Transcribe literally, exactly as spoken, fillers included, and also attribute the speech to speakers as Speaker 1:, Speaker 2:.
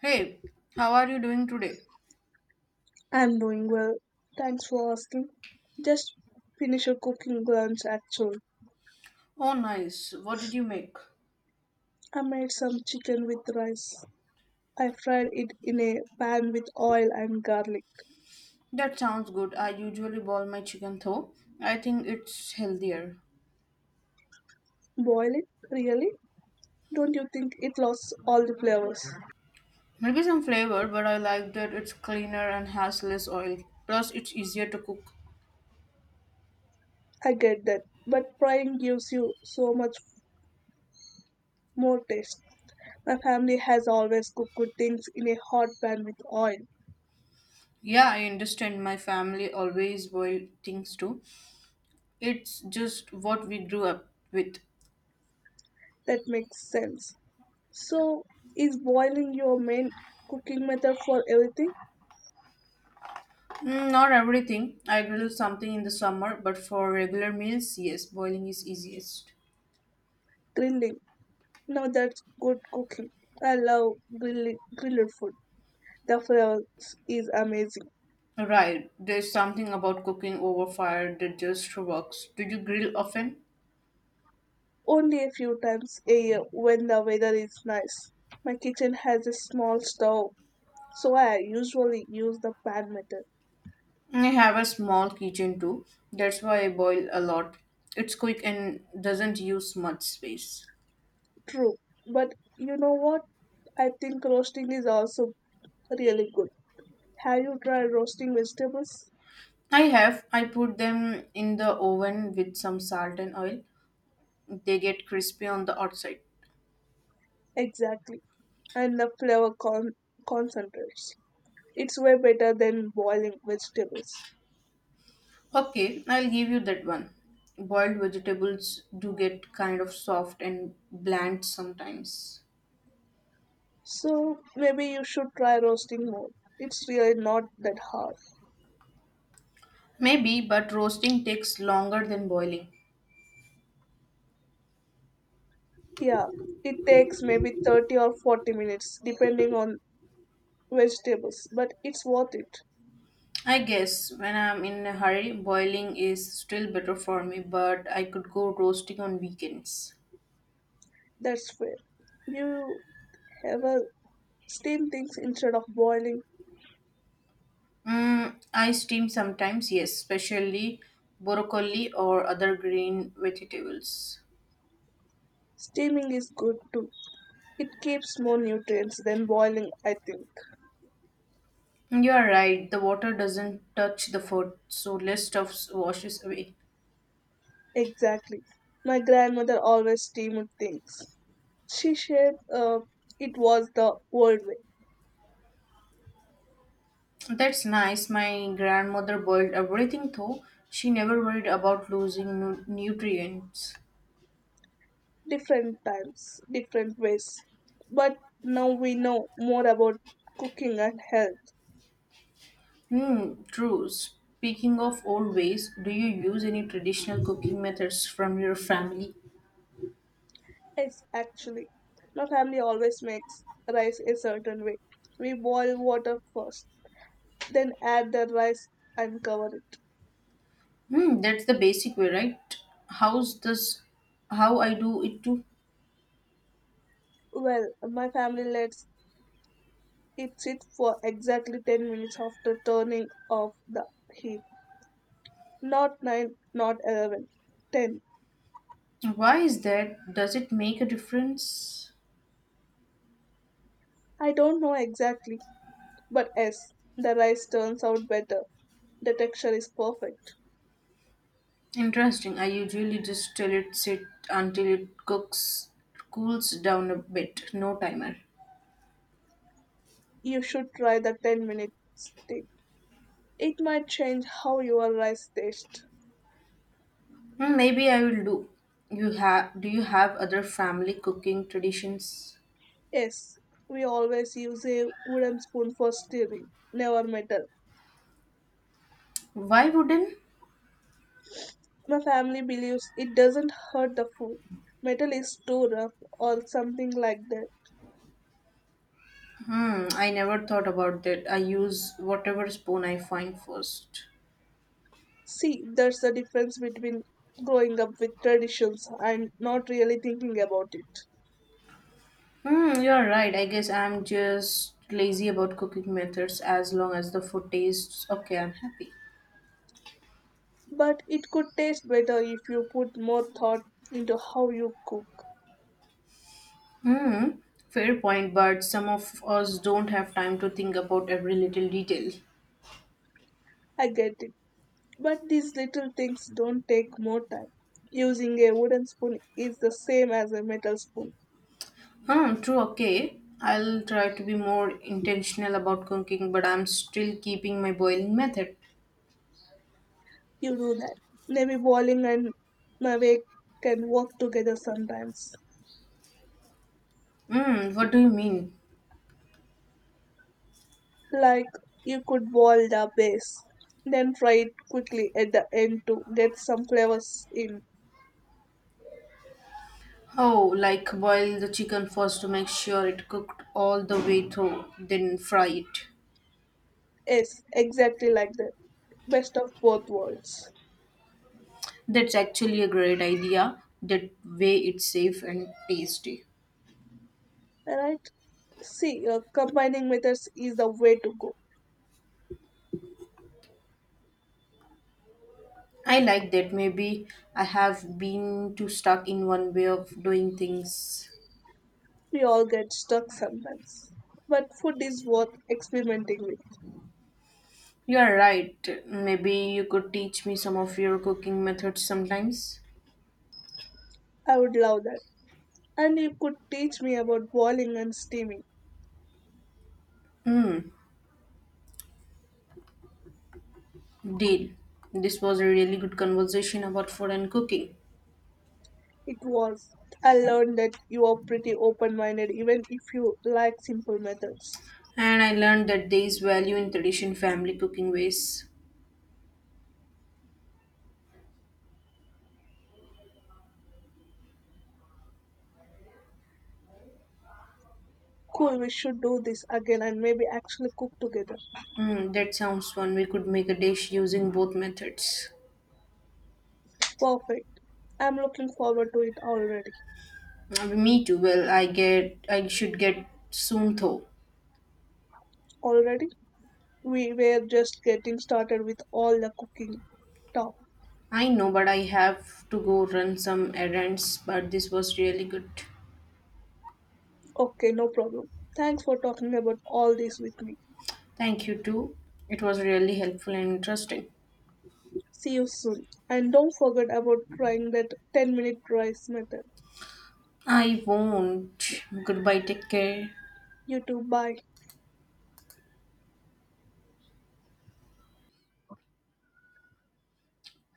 Speaker 1: Hey, how are you doing today?
Speaker 2: I'm doing well. Thanks for asking. Just finished a cooking lunch actually.
Speaker 1: Oh, nice. What did you make?
Speaker 2: I made some chicken with rice. I fried it in a pan with oil and garlic.
Speaker 1: That sounds good. I usually boil my chicken though. I think it's healthier.
Speaker 2: Boil it? Really? Don't you think it lost all the flavors?
Speaker 1: Maybe some flavor, but I like that it's cleaner and has less oil. Plus, it's easier to cook.
Speaker 2: I get that, but frying gives you so much more taste. My family has always cooked good things in a hot pan with oil.
Speaker 1: Yeah, I understand. My family always boil things too. It's just what we grew up with.
Speaker 2: That makes sense. So, is boiling your main cooking method for everything?
Speaker 1: Mm, not everything. I grill something in the summer, but for regular meals, yes, boiling is easiest.
Speaker 2: Grilling. Now that's good cooking. I love grilling, grilled food. The flavor is amazing.
Speaker 1: Right, there's something about cooking over fire that just works. Do you grill often?
Speaker 2: Only a few times a year when the weather is nice. My kitchen has a small stove, so I usually use the pan method.
Speaker 1: I have a small kitchen too. That's why I boil a lot. It's quick and doesn't use much space.
Speaker 2: True, but you know what? I think roasting is also really good. Have you tried roasting vegetables?
Speaker 1: I have. I put them in the oven with some salt and oil. They get crispy on the outside.
Speaker 2: Exactly, and the flavor con- concentrates. It's way better than boiling vegetables.
Speaker 1: Okay, I'll give you that one. Boiled vegetables do get kind of soft and bland sometimes.
Speaker 2: So maybe you should try roasting more. It's really not that hard.
Speaker 1: Maybe, but roasting takes longer than boiling.
Speaker 2: Yeah, it takes maybe thirty or forty minutes depending on vegetables, but it's worth it.
Speaker 1: I guess when I'm in a hurry, boiling is still better for me, but I could go roasting on weekends.
Speaker 2: That's fair. You have a steam things instead of boiling.
Speaker 1: Mm, I steam sometimes, yes, especially broccoli or other green vegetables.
Speaker 2: Steaming is good too. It keeps more nutrients than boiling, I think.
Speaker 1: You are right, the water doesn't touch the food, so less stuff washes away.
Speaker 2: Exactly. My grandmother always steamed things. She said uh, it was the old way.
Speaker 1: That's nice. My grandmother boiled everything, though she never worried about losing nu- nutrients.
Speaker 2: Different times, different ways. But now we know more about cooking and health.
Speaker 1: Hmm, true. Speaking of old ways, do you use any traditional cooking methods from your family?
Speaker 2: Yes, actually, my family always makes rice a certain way. We boil water first, then add the rice and cover it.
Speaker 1: Hmm, that's the basic way, right? How's this how I do it too?
Speaker 2: Well, my family lets it sit for exactly ten minutes after turning off the heat. Not nine, not eleven, ten.
Speaker 1: Why is that? Does it make a difference?
Speaker 2: I don't know exactly, but yes, the rice turns out better. The texture is perfect.
Speaker 1: Interesting. I usually just tell it sit until it cooks cools down a bit, no timer.
Speaker 2: You should try the ten minute stick. It might change how your rice tastes.
Speaker 1: Hmm, maybe I will do. You have Do you have other family cooking traditions?
Speaker 2: Yes, we always use a wooden spoon for stirring, never metal.
Speaker 1: Why wouldn't
Speaker 2: My family believes it doesn't hurt the food. Metal is too rough or something like that.
Speaker 1: Hmm, I never thought about that. I use whatever spoon I find first.
Speaker 2: See, that's the difference between growing up with traditions and not really thinking about it.
Speaker 1: Hmm, you're right. I guess I'm just lazy about cooking methods as long as the food tastes okay, I'm happy.
Speaker 2: But it could taste better if you put more thought into how you cook.
Speaker 1: Hmm, fair point, but some of us don't have time to think about every little detail.
Speaker 2: I get it. But these little things don't take more time. Using a wooden spoon is the same as a metal spoon.
Speaker 1: Hmm, true, okay. I'll try to be more intentional about cooking, but I'm still keeping my boiling method.
Speaker 2: You do that. Maybe bowling and Navek can work together sometimes.
Speaker 1: Hmm, what do you mean?
Speaker 2: Like you could boil the base, then fry it quickly at the end to get some flavors in.
Speaker 1: Oh, like boil the chicken first to make sure it cooked all the way through, then fry it.
Speaker 2: Yes, exactly like that. Best of both worlds.
Speaker 1: That's actually a great idea. That way it's safe and tasty.
Speaker 2: Alright? See, uh, combining methods is the way to go.
Speaker 1: I like that. Maybe I have been too stuck in one way of doing things.
Speaker 2: We all get stuck sometimes. But food is worth experimenting with.
Speaker 1: You're right. Maybe you could teach me some of your cooking methods sometimes.
Speaker 2: I would love that. And you could teach me about boiling and steaming.
Speaker 1: Hmm, deal. This was a really good conversation about food and cooking.
Speaker 2: It was. I learned that you are pretty open minded even if you like simple methods.
Speaker 1: And I learned that there is value in tradition family cooking ways.
Speaker 2: Cool, we should do this again and maybe actually cook together.
Speaker 1: Hmm, that sounds fun. We could make a dish using both methods.
Speaker 2: Perfect. I'm looking forward to it already.
Speaker 1: Uh, Me too. Well, I get I should get soon though.
Speaker 2: Already? We were just getting started with all the cooking talk.
Speaker 1: I know, but I have to go run some errands. But this was really good.
Speaker 2: Okay, no problem. Thanks for talking about all this with me.
Speaker 1: Thank you too. It was really helpful and interesting.
Speaker 2: See you soon. And don't forget about trying that ten minute rice method.
Speaker 1: I won't. Goodbye. Take care.
Speaker 2: You too, bye.